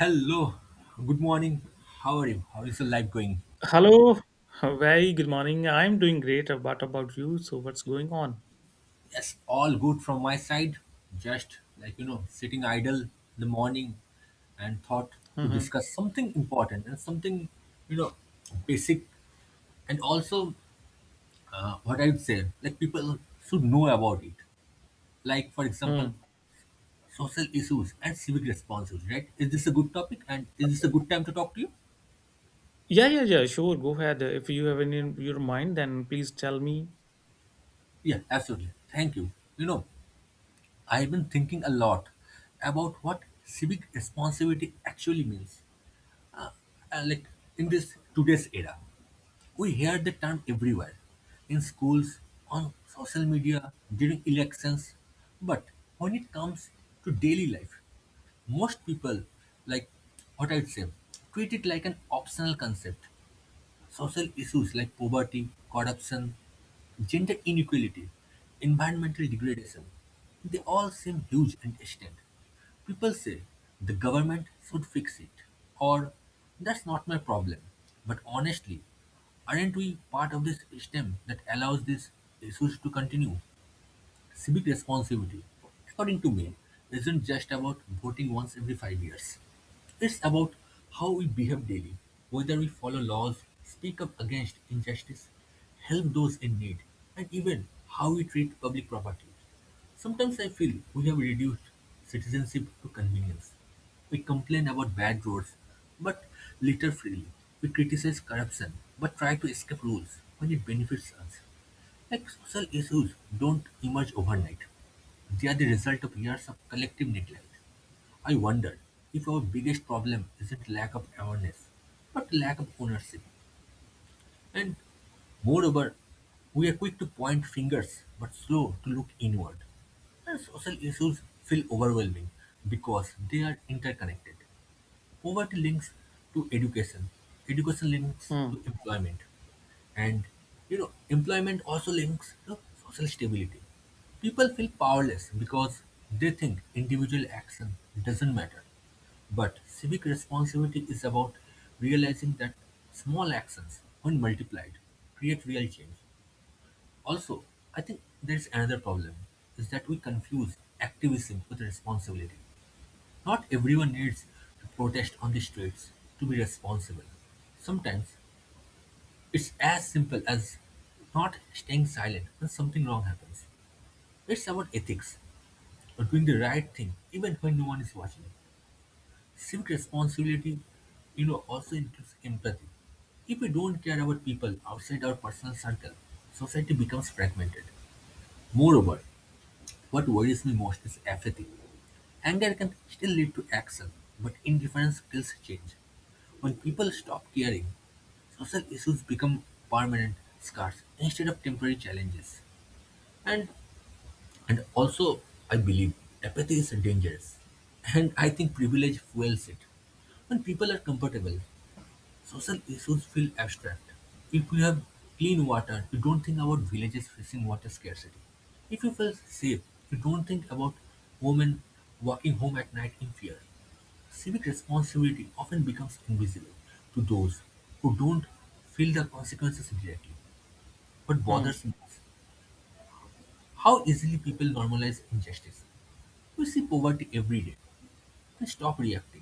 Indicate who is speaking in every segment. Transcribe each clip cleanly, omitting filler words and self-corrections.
Speaker 1: Hello, good morning. How are you? How is your life going?
Speaker 2: Hello, very good morning. I'm doing great. What about you? So, what's going on?
Speaker 1: Yes, all good from my side. Just like sitting idle in the morning and thought to
Speaker 2: hmm
Speaker 1: discuss something important and something you know basic and also what I would say like people should know about it. Like for example,
Speaker 2: Hmm.
Speaker 1: social issues and civic responsibility. Right? Is this a good topic? And is this a good time to talk to you?
Speaker 2: Yeah, yeah, yeah. Sure, go ahead. If you have any in your mind, then please tell me.
Speaker 1: Yeah, absolutely. Thank you. You know, I've been thinking a lot about what civic responsibility actually means. Like in this today's era, we hear the term everywhere, in schools, on social media, during elections. But when it comes to daily life, most people, like what I'd say, treat it like an optional concept. Social issues like poverty, corruption, gender inequality, environmental degradation, they all seem huge and extent. People say the government should fix it, or that's not my problem. But honestly, aren't we part of this system that allows these issues to continue? Civic responsibility, according to me, isn't just about voting once every 5 years. It's about how we behave daily, whether we follow laws, speak up against injustice, help those in need, and even how we treat public property. Sometimes I feel we have reduced citizenship to convenience. We complain about bad roads, but litter freely. We criticize corruption, but try to escape rules when it benefits us. Like social issues don't emerge overnight. They are the result of years of collective neglect. I wonder if our biggest problem isn't lack of awareness, but lack of ownership. And moreover, we are quick to point fingers but slow to look inward. And social issues feel overwhelming because they are interconnected. Poverty links to education, education links to
Speaker 2: Hmm.
Speaker 1: employment, and employment also links to social stability. People feel powerless because they think individual action doesn't matter. But civic responsibility is about realizing that small actions, when multiplied, create real change. Also, I think there's another problem is that we confuse activism with responsibility. Not everyone needs to protest on the streets to be responsible. Sometimes it's as simple as not staying silent when something wrong happens. It's about ethics, or doing the right thing even when no one is watching. Civic responsibility, also includes empathy. If we don't care about people outside our personal circle, society becomes fragmented. Moreover, what worries me most is apathy. Anger can still lead to action, but indifference kills change. When people stop caring, social issues become permanent scars instead of temporary challenges. And and also I believe apathy is dangerous. And I think privilege fuels it. When people are comfortable, social issues feel abstract. If we have clean water, you don't think about villages facing water scarcity. If you feel safe, you don't think about women walking home at night in fear. Civic responsibility often becomes invisible to those who don't feel the consequences directly. What
Speaker 2: Hmm.
Speaker 1: bothers me is how easily people normalize injustice. We see poverty every day. We stop reacting.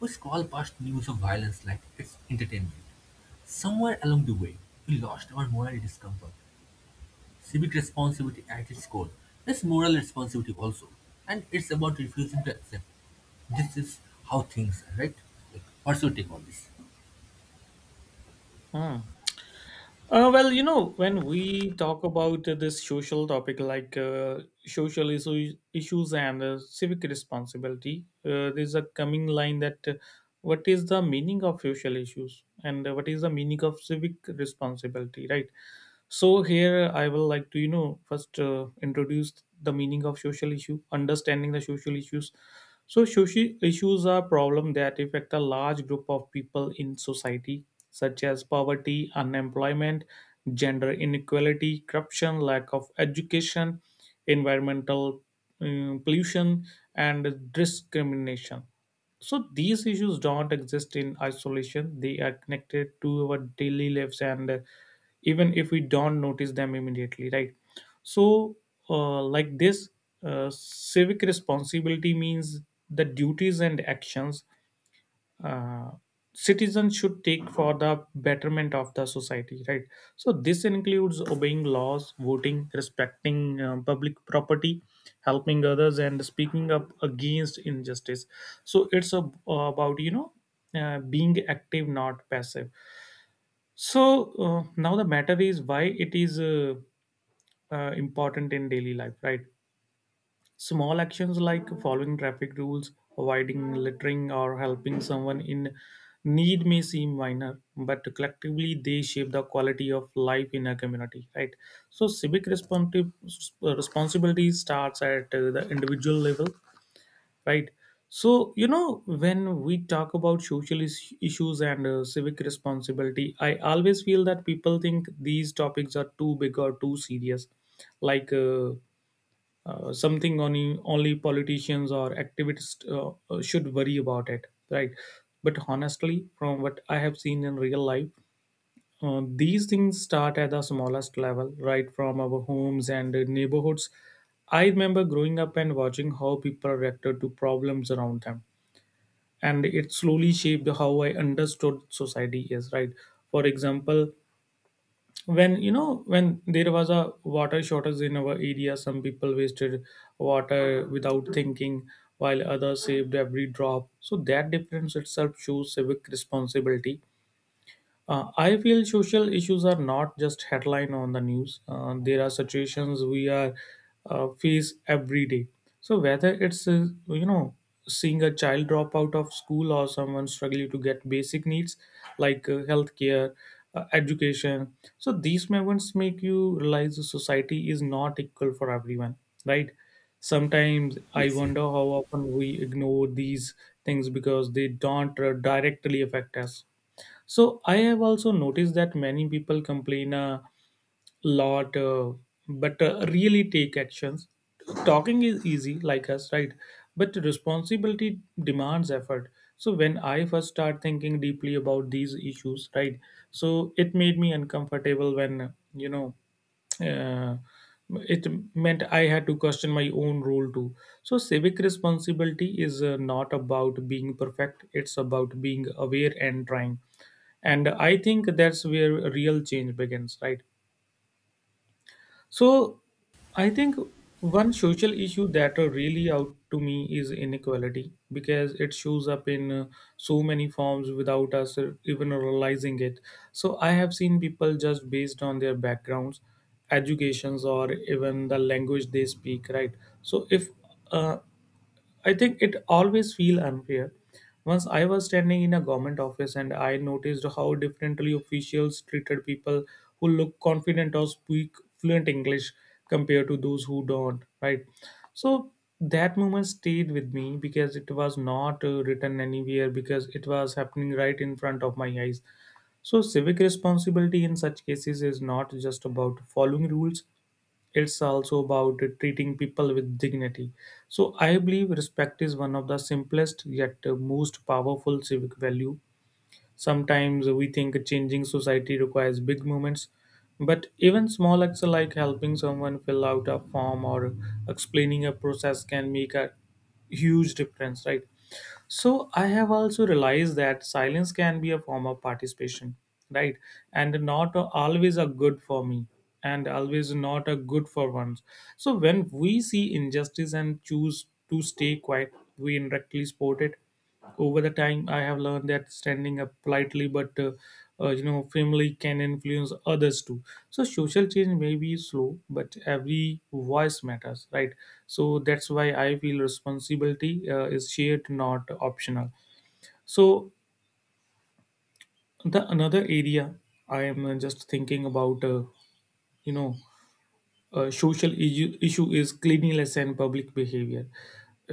Speaker 1: We scroll past news of violence like it's entertainment. Somewhere along the way, we lost our moral discomfort. Civic responsibility at its core is moral responsibility also, and it's about refusing to accept this is how things are, right? Like, what's your take on this?
Speaker 2: Hmm. Well, when we talk about this social topic like social issues and civic responsibility, there's a coming line that what is the meaning of social issues and what is the meaning of civic responsibility, right? So here I will like to, you know, first introduce the meaning of social issue, understanding the social issues. So social issues are problems that affect a large group of people in society, such as poverty, unemployment, gender inequality, corruption, lack of education, environmental pollution, and discrimination. So these issues don't exist in isolation. They are connected to our daily lives, and even if we don't notice them immediately, right? So, uh, like this, civic responsibility means the duties and actions uh, citizens should take for the betterment of the society, right? So this includes obeying laws, voting, respecting public property, helping others, and speaking up against injustice. So it's a, about, you know, being active, not passive. So now the matter is why it is important in daily life, right? Small actions like following traffic rules, avoiding littering, or helping someone in need may seem minor, but collectively they shape the quality of life in a community, right? So, civic responsibility starts at the individual level, right? So, you know, when we talk about social issues and civic responsibility, I always feel that people think these topics are too big or too serious, like something only politicians or activists should worry about it, right? But honestly, from what I have seen in real life, these things start at the smallest level, right from our homes and neighborhoods. I remember growing up and watching how people reacted to problems around them, and it slowly shaped how I understood society is, right? For example, when you know, when there was a water shortage in our area, some people wasted water without thinking, while others saved every drop. So that difference itself shows civic responsibility. I feel social issues are not just headline on the news. There are situations we are face every day. So whether it's you know, seeing a child drop out of school or someone struggling to get basic needs like healthcare, education. So these moments make you realize the society is not equal for everyone, right? Sometimes I
Speaker 1: Yes, yes.
Speaker 2: wonder how often we ignore these things because they don't directly affect us. So I have also noticed that many people complain lot, but really take actions. Talking is easy, like us, right? But responsibility demands effort. So when I first start thinking deeply about these issues, right? So it made me uncomfortable when, you know, uh, it meant I had to question my own role too. So, civic responsibility is not about being perfect, it's about being aware and trying. And I think that's where real change begins, right? So I think one social issue that really out to me is inequality, because it shows up in so many forms without us even realizing it. So I have seen people just based on their backgrounds, educations, or even the language they speak, right? So if uh, I think it always feel unfair. Once I was standing in a government office and I noticed how differently officials treated people who look confident or speak fluent English compared to those who don't, right? So that moment stayed with me because it was not written anywhere, because it was happening right in front of my eyes. So civic responsibility in such cases is not just about following rules, it's also about treating people with dignity. So I believe respect is one of the simplest yet most powerful civic value. Sometimes we think changing society requires big movements, but even small acts like helping someone fill out a form or explaining a process can make a huge difference, right? So I have also realized that silence can be a form of participation, right? And not always a good for me, and always not a good for ones. So when we see injustice and choose to stay quiet, we indirectly support it. Over the time, I have learned that standing up politely, but you know, firmly can influence others too. So social change may be slow, but every voice matters, right? So that's why I feel responsibility is shared, not optional. So the another area I am just thinking about, you know, social issue is cleanliness and public behavior.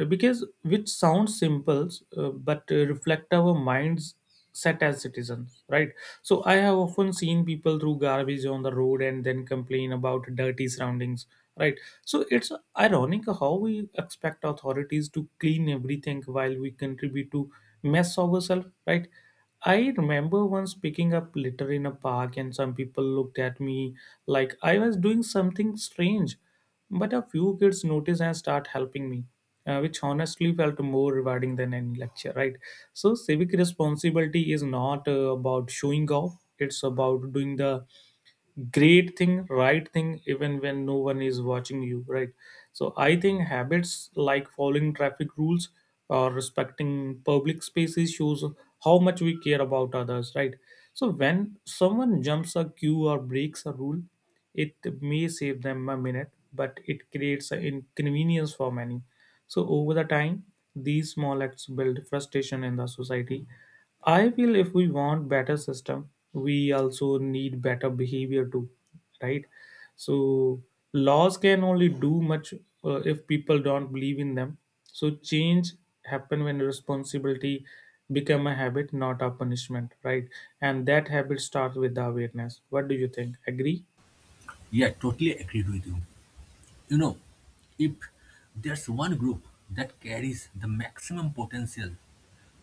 Speaker 2: Because which sounds simple, but reflect our minds set as citizens, right? So I have often seen people throw garbage on the road and then complain about dirty surroundings, right? So it's ironic how we expect authorities to clean everything while we contribute to mess ourselves, right? I remember once picking up litter in a park, and some people looked at me like I was doing something strange. But a few kids noticed and start helping me, which honestly felt more rewarding than any lecture, right? So, civic responsibility is not about showing off, it's about doing the great thing, right thing, even when no one is watching you, right? So I think habits like following traffic rules or respecting public spaces shows how much we care about others, right? So when someone jumps a queue or breaks a rule, it may save them a minute, but it creates an inconvenience for many. So over the time, these small acts build frustration in the society. I feel if we want better system, we also need better behavior too, right? So laws can only do much if people don't believe in them. So change happen when responsibility become a habit, not a punishment, right? And that habit starts with the awareness. What do you think? Agree?
Speaker 1: Yeah, totally agreed with you. You know, if there's one group that carries the maximum potential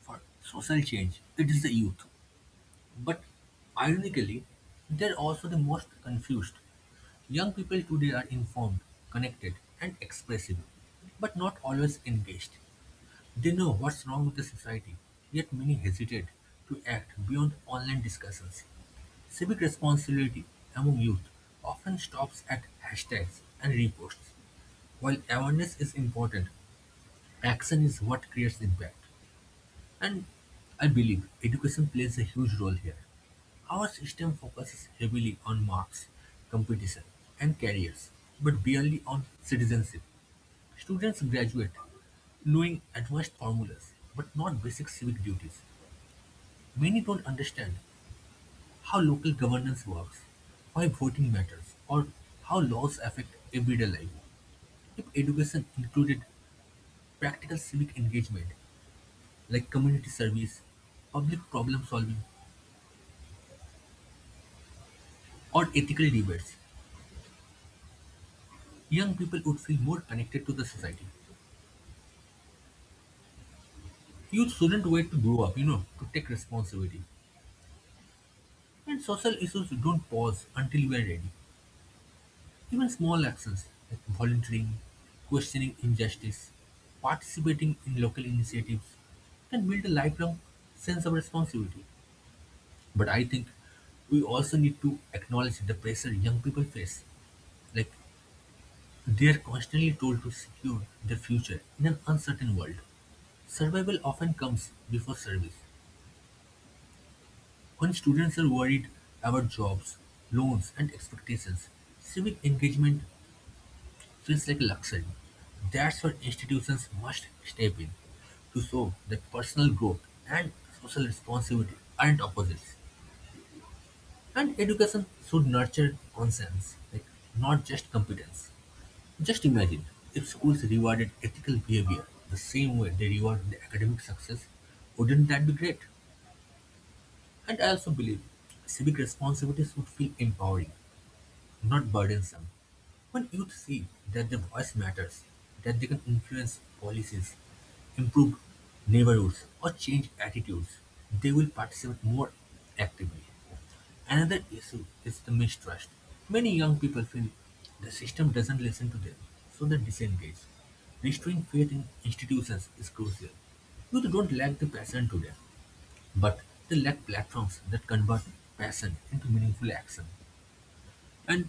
Speaker 1: for social change, it is the youth. But ironically, they're also the most confused. Young people today are informed, connected, and expressive, but not always engaged. They know what's wrong with the society, yet many hesitate to act beyond online discussions. Civic responsibility among youth often stops at hashtags and reposts. While awareness is important, action is what creates impact. And I believe education plays a huge role here. Our system focuses heavily on marks, competition, and careers, but barely on citizenship. Students graduate knowing advanced formulas, but not basic civic duties. Many don't understand how local governance works, why voting matters, or how laws affect everyday life. If education included practical civic engagement like community service, public problem solving, or ethical debates, young people would feel more connected to the society. Youth shouldn't wait to grow up, to take responsibility. And social issues don't pause until we are ready. Even small actions like volunteering, questioning injustice, participating in local initiatives can build a lifelong sense of responsibility. But I think we also need to acknowledge the pressure young people face. Like they are constantly told to secure their future in an uncertain world. Survival often comes before service. When students are worried about jobs, loans, and expectations, civic engagement feels like a luxury. That's where institutions must step in to show that personal growth and social responsibility aren't opposites. And education should nurture conscience, like not just competence. Just imagine if schools rewarded ethical behavior the same way they reward the academic success, wouldn't that be great? And I also believe civic responsibilities would feel empowering, not burdensome. When youth see that their voice matters, that they can influence policies, improve neighborhoods, or change attitudes, they will participate more actively. Another issue is the mistrust. Many young people feel the system doesn't listen to them, so they disengage. Restoring faith in institutions is crucial. Youth don't lack the passion today, but they lack platforms that convert passion into meaningful action. And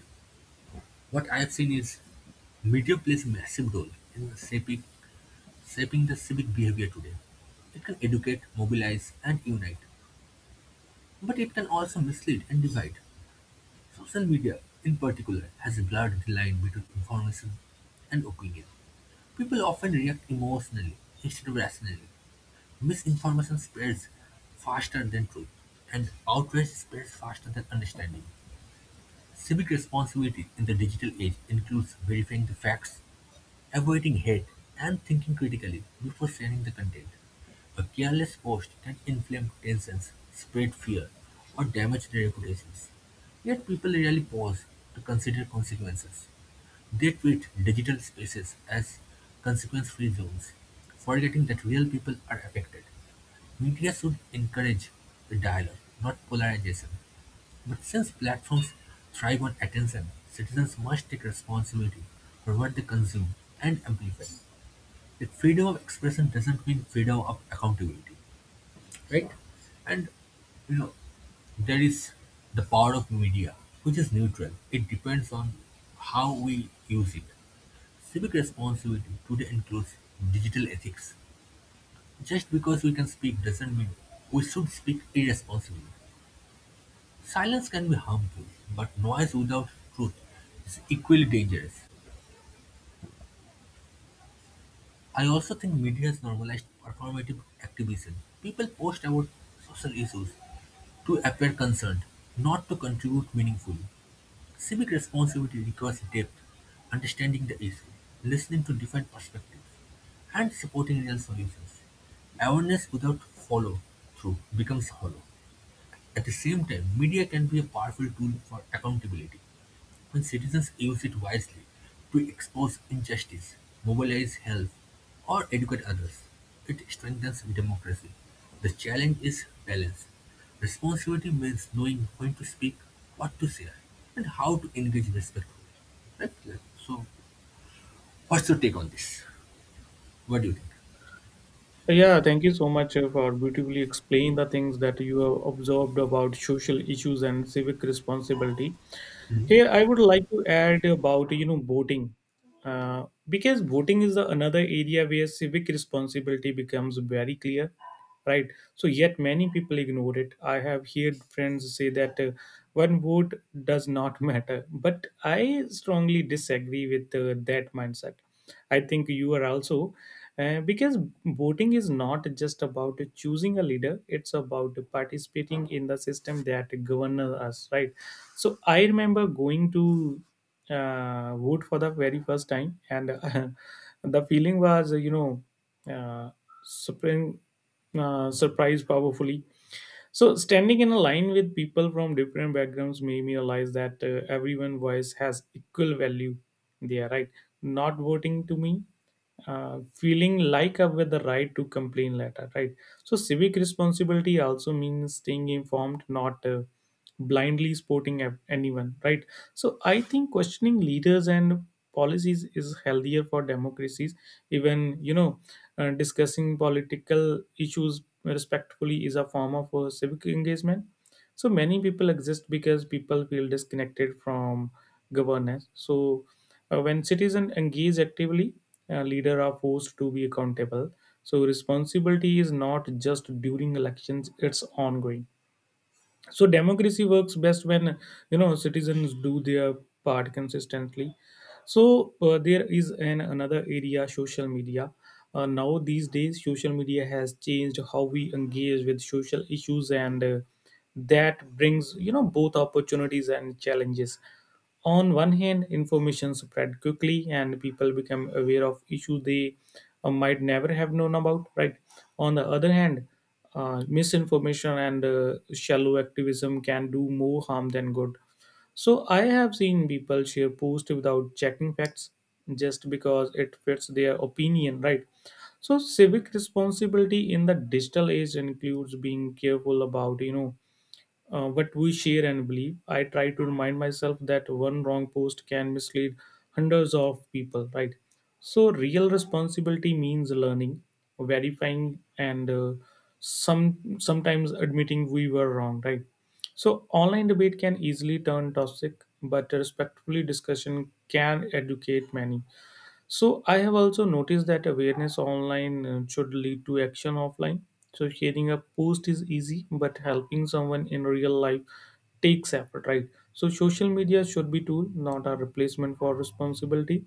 Speaker 1: what I have seen is media plays a massive role in shaping the civic behavior today. It can educate, mobilize, and unite, but it can also mislead and divide. Social media, in particular, has blurred the line between information and opinion. People often react emotionally instead of rationally. Misinformation spreads faster than truth, and outrage spreads faster than understanding. Civic responsibility in the digital age includes verifying the facts, avoiding hate, and thinking critically before sharing the content. A careless post can inflame tensions, spread fear, or damage their reputations. Yet people rarely pause to consider consequences. They treat digital spaces as consequence-free zones, forgetting that real people are affected. Media should encourage the dialogue, not polarization. But since platforms thrive on attention, citizens must take responsibility for what they consume and amplify. If freedom of expression doesn't mean freedom of accountability, right? And you know, there is the power of media, which is neutral. It depends on how we use it. Civic responsibility today includes digital ethics. Just because we can speak doesn't mean we should speak irresponsibly. Silence can be harmful, but noise without truth is equally dangerous. I also think media has normalized performative activism. People post about social issues to appear concerned, not to contribute meaningfully. Civic responsibility requires depth, understanding the issue, listening to different perspectives, and supporting real solutions. Awareness without follow through becomes hollow. At the same time, media can be a powerful tool for accountability. When citizens use it wisely to expose injustice, mobilize help, or educate others, it strengthens democracy. The challenge is balance. Responsibility means knowing when to speak, what to say, and how to engage respectfully. Right? Like, so, what's your take on this? What do you think?
Speaker 2: Yeah, thank you so much for beautifully explain the things that you have observed about social issues and civic responsibility.
Speaker 1: Mhm.
Speaker 2: Here, I would like to add about, you know, voting, because voting is the another area where civic responsibility becomes very clear, right? So yet many people ignore it. I have heard friends say that one vote does not matter, but I strongly disagree with that mindset. I think you are also because voting is not just about choosing a leader; it's about participating in the system that governs us, right? So I remember going to vote for the very first time, and the feeling was, you know, uh, surprising, surprised powerfully. So standing in a line with people from different backgrounds made me realize that everyone's voice has equal value. They are right. Not voting to me feeling like up with the right to complain letter, right? So civic responsibility also means staying informed, not blindly supporting anyone, right? So I think questioning leaders and policies is healthier for democracies. Even you know, discussing political issues respectfully is a form of civic engagement. So many people exist because people feel disconnected from governance. So when citizens engage actively, leaders are forced to be accountable. So responsibility is not just during elections, it's ongoing. So democracy works best when, you know, citizens do their part consistently. So there is an another area, social media. Now these days, social media has changed how we engage with social issues, and that brings, you know, both opportunities and challenges. On one hand, information spread quickly and people become aware of issues they might never have known about, right? On the other hand, misinformation and shallow activism can do more harm than good. So I have seen people share posts without checking facts just because it fits their opinion, right? So civic responsibility in the digital age includes being careful about, you know, what we share and believe. I try to remind myself that one wrong post can mislead hundreds of people, right? So, real responsibility means learning, verifying, and sometimes admitting we were wrong, right? So, online debate can easily turn toxic, but a respectfully discussion can educate many. So I have also noticed that awareness online should lead to action offline. So sharing a post is easy, but helping someone in real life takes effort, right? So social media should be tool, not a replacement for responsibility.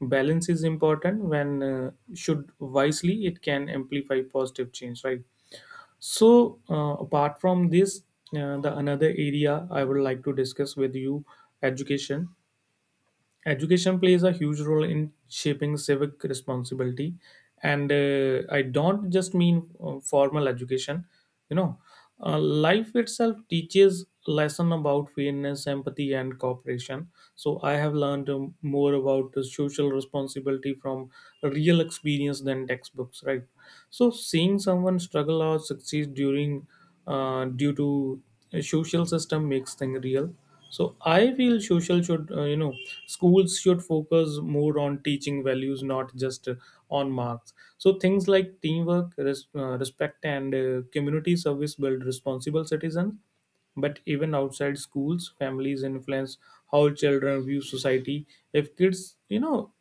Speaker 2: Balance is important. When should wisely, it can amplify positive change, right? So apart from this, the another area I would like to discuss with you, education. Education plays a huge role in shaping civic responsibility, and I don't just mean formal education. You know, Life itself teaches lesson about fairness, empathy, and cooperation. So I have learned more about the social responsibility from real experience than textbooks. Right. So seeing someone struggle or succeed during due to a social system makes thing real. So I feel social should you know schools should focus more on teaching values, not just on marks. So things like teamwork, respect, and community service build responsible citizens, but even outside schools families influence how children view society. if kids you know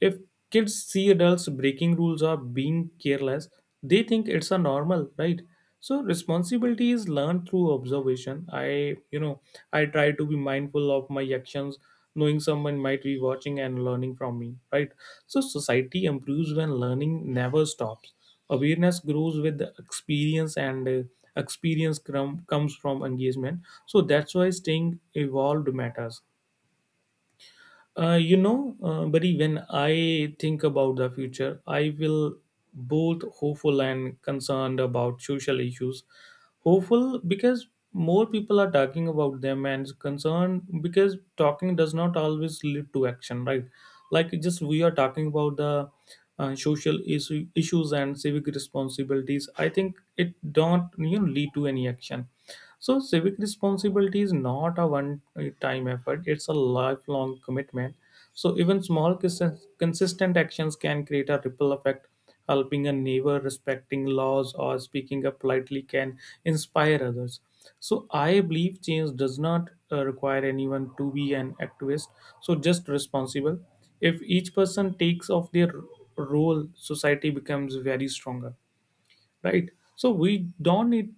Speaker 2: if kids see adults breaking rules or being careless, they think it's a normal, right? So responsibility is learned through observation. I, I try to be mindful of my actions, knowing someone might be watching and learning from me, right? So society improves when learning never stops. Awareness grows with the experience, and comes from engagement. So that's why staying evolved matters. Bari, when I think about the future, I will both hopeful and concerned about social issues. Hopeful because more people are talking about them, and concerned because talking does not always lead to action, right? Like just we are talking about the issues and civic responsibilities. I think it don't you know lead to any action. So, civic responsibility is not a one time effort, it's a lifelong commitment. So, even small consistent actions can create a ripple effect. Helping a neighbor, respecting laws, or speaking up politely can inspire others. So, I believe change does not require anyone to be an activist, so just responsible. If each person takes off their role, society becomes very stronger, right? So we don't need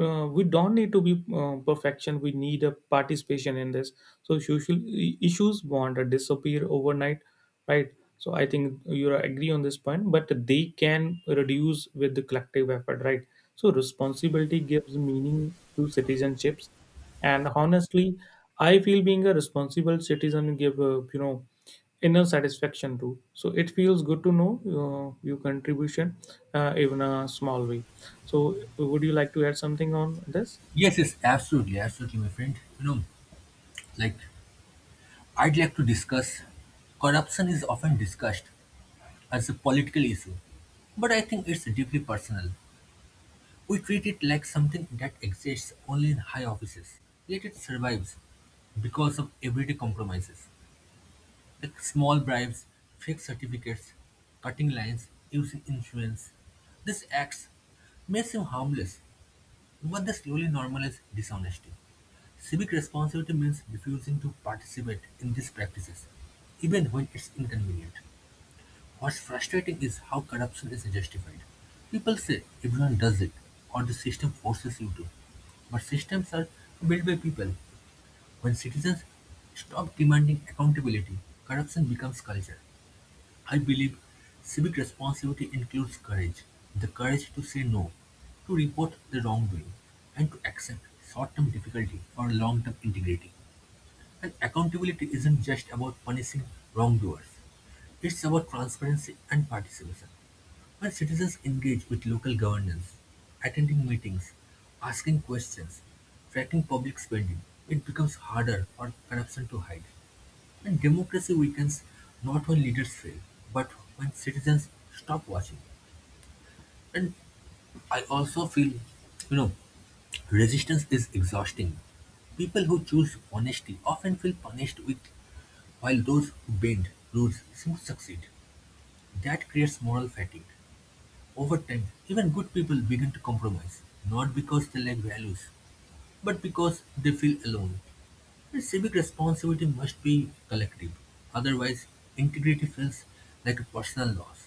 Speaker 2: uh, we don't need to be perfection, we need a participation in this. So social issues won't disappear overnight, right? So I think you agree on this point, but they can reduce with the collective effort, right? So responsibility gives meaning to citizenships. And honestly, I feel being a responsible citizen give inner satisfaction too. So it feels good to know your contribution, even a small way. So would you like to add something on this?
Speaker 1: Yes, yes, absolutely, absolutely, my friend. You know, like I'd like to discuss corruption is often discussed as a political issue, but I think it's deeply personal. We treat it like something that exists only in high offices, yet it survives because of everyday compromises, like small bribes, fake certificates, cutting lines, using influence. These acts may seem harmless, but they slowly normalize dishonesty. Civic responsibility means refusing to participate in these practices, even when it's inconvenient. What's frustrating is how corruption is justified. People say everyone does it or the system forces you to. But systems are built by people. When citizens stop demanding accountability, corruption becomes culture. I believe civic responsibility includes courage, the courage to say no, to report the wrongdoing, and to accept short-term difficulty for long-term integrity. And accountability isn't just about punishing wrongdoers, it's about transparency and participation. When citizens engage with local governance, attending meetings, asking questions, tracking public spending, it becomes harder for corruption to hide. And democracy weakens not when leaders fail, but when citizens stop watching. And I also feel, you know, resistance is exhausting. People who choose honesty often feel punished with while those who bend, rules some succeed. That creates moral fatigue. Over time, even good people begin to compromise, not because they lack values, but because they feel alone. The civic responsibility must be collective, otherwise, integrity feels like a personal loss.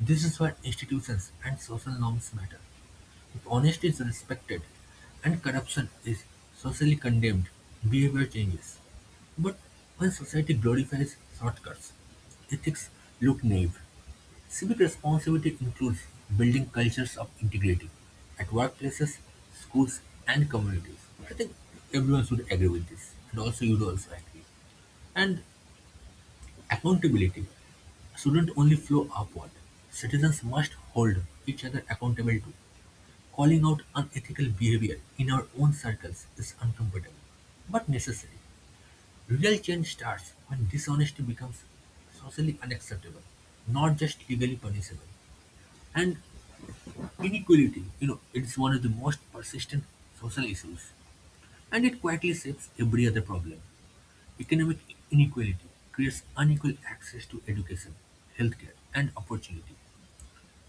Speaker 1: This is where institutions and social norms matter. If honesty is respected and corruption is socially condemned, behavior changes. But when society glorifies shortcuts, ethics look naive. Civic responsibility includes building cultures of integrity at workplaces, schools, and communities. I think everyone should agree with this, and also you would also agree. And accountability shouldn't only flow upward. Citizens must hold each other accountable too. Calling out unethical behavior in our own circles is uncomfortable, but necessary. Real change starts when dishonesty becomes socially unacceptable, not just legally punishable. And inequality, it's one of the most persistent social issues, and it quietly shapes every other problem. Economic inequality creates unequal access to education, healthcare, and opportunity.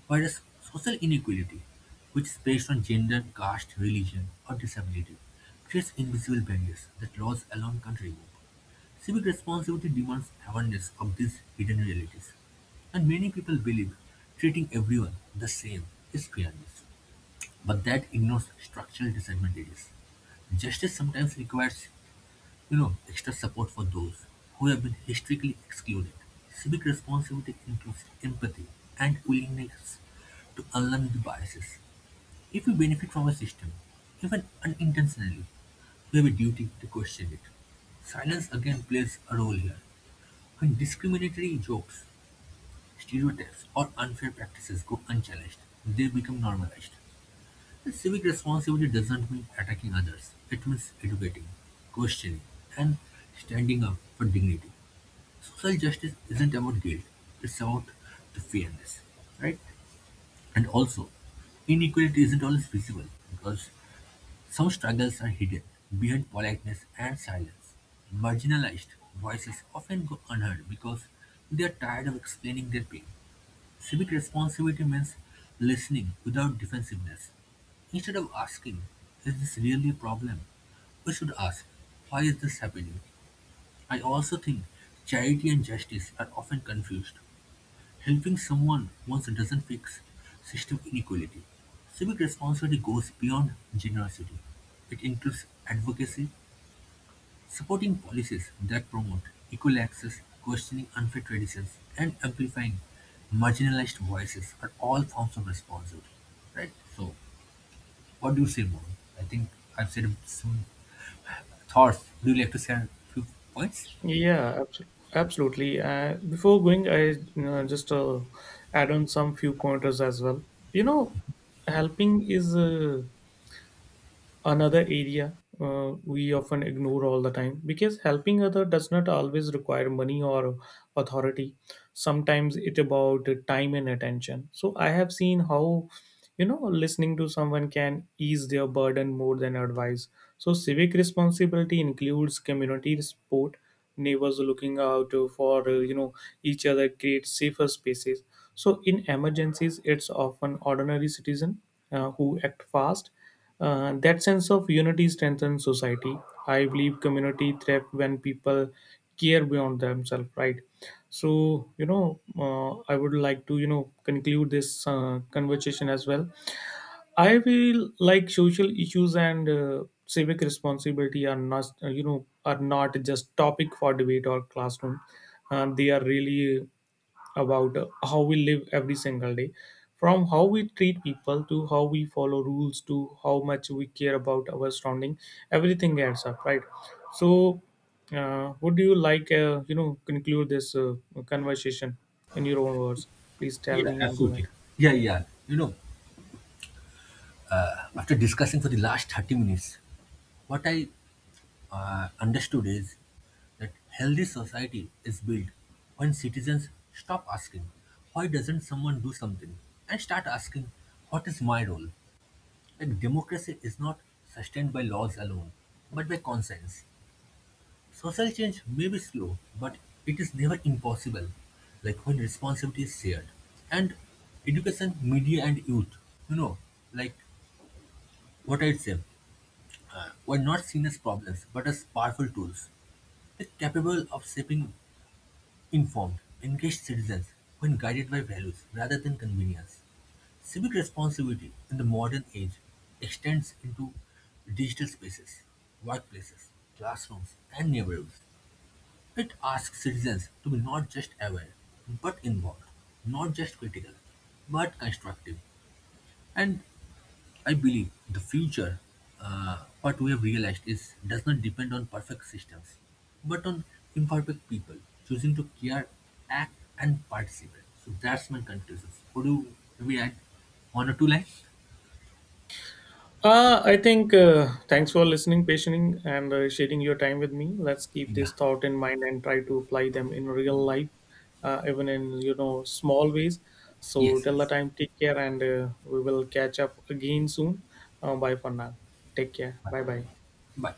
Speaker 1: Whereas social inequality, which is based on gender, caste, religion, or disability, creates invisible barriers that laws alone can't remove. Civic responsibility demands awareness of these hidden realities. And many people believe treating everyone the same is fairness, but that ignores structural disadvantages. Justice sometimes requires extra support for those who have been historically excluded. Civic responsibility includes empathy and willingness to unlearn the biases. If we benefit from a system, even unintentionally, we have a duty to question it. Silence again plays a role here. When discriminatory jokes, stereotypes, or unfair practices go unchallenged, they become normalized. Civic responsibility doesn't mean attacking others. It means educating, questioning, and standing up for dignity. Social justice isn't about guilt, it's about the fairness, right? And also, inequality isn't always visible because some struggles are hidden behind politeness and silence. Marginalized voices often go unheard because they are tired of explaining their pain. Civic responsibility means listening without defensiveness. Instead of asking, is this really a problem? We should ask, why is this happening? I also think charity and justice are often confused. Helping someone once doesn't fix system inequality. Civic responsibility goes beyond generosity. It includes advocacy, supporting policies that promote equal access, questioning unfair traditions, and amplifying marginalized voices are all forms of responsibility. Right? So, what do you say, more? I think I've said some thoughts. Would you like to share a few points?
Speaker 2: Yeah, abso- Absolutely. Before going, I just add on some few pointers as well. You know, helping is another area we often ignore all the time, because helping other does not always require money or authority. Sometimes it about time and attention. So I have seen how, you know, listening to someone can ease their burden more than advice. So civic responsibility includes community support. Neighbors looking out for, each other, create safer spaces. So in emergencies it's often ordinary citizen who act fast. That sense of unity strengthens society. I believe community thrive when people care beyond themselves, right? So, you know, I would like to, you know, conclude this conversation as well. I feel like social issues and civic responsibility are not, are not just topic for debate or classroom. They are really about how we live every single day, from how we treat people to how we follow rules to how much we care about our surrounding. Everything adds up, right? So would you like, conclude this conversation in your own words? Please tell
Speaker 1: Yeah,
Speaker 2: me and go ahead.
Speaker 1: absolutely. Yeah, yeah. After discussing for the last 30 minutes, what I understood is that healthy society is built when citizens stop asking, why doesn't someone do something? And start asking, what is my role? Like democracy is not sustained by laws alone, but by conscience. Social change may be slow, but it is never impossible, like when responsibility is shared. And education, media, and youth, you know, like what I'd say, were not seen as problems, but as powerful tools. They're capable of shaping informed, engaged citizens when guided by values rather than convenience. Civic responsibility in the modern age extends into digital spaces, workplaces, classrooms, and neighborhoods. It asks citizens to be not just aware, but involved, not just critical, but constructive. And I believe the future, what we have realized is does not depend on perfect systems, but on imperfect people choosing to care, act, and participate. So that's my conclusion. Would you maybe add one or two lines?
Speaker 2: I think thanks for listening, patient, and sharing your time with me. Let's keep
Speaker 1: Yeah.
Speaker 2: this thought in mind and try to apply them in real life, even in you know small ways. So
Speaker 1: Yes,
Speaker 2: till the
Speaker 1: yes.
Speaker 2: time, take care, and we will catch up again soon. Bye for now. Take care.
Speaker 1: Bye.
Speaker 2: Bye bye.
Speaker 1: Bye.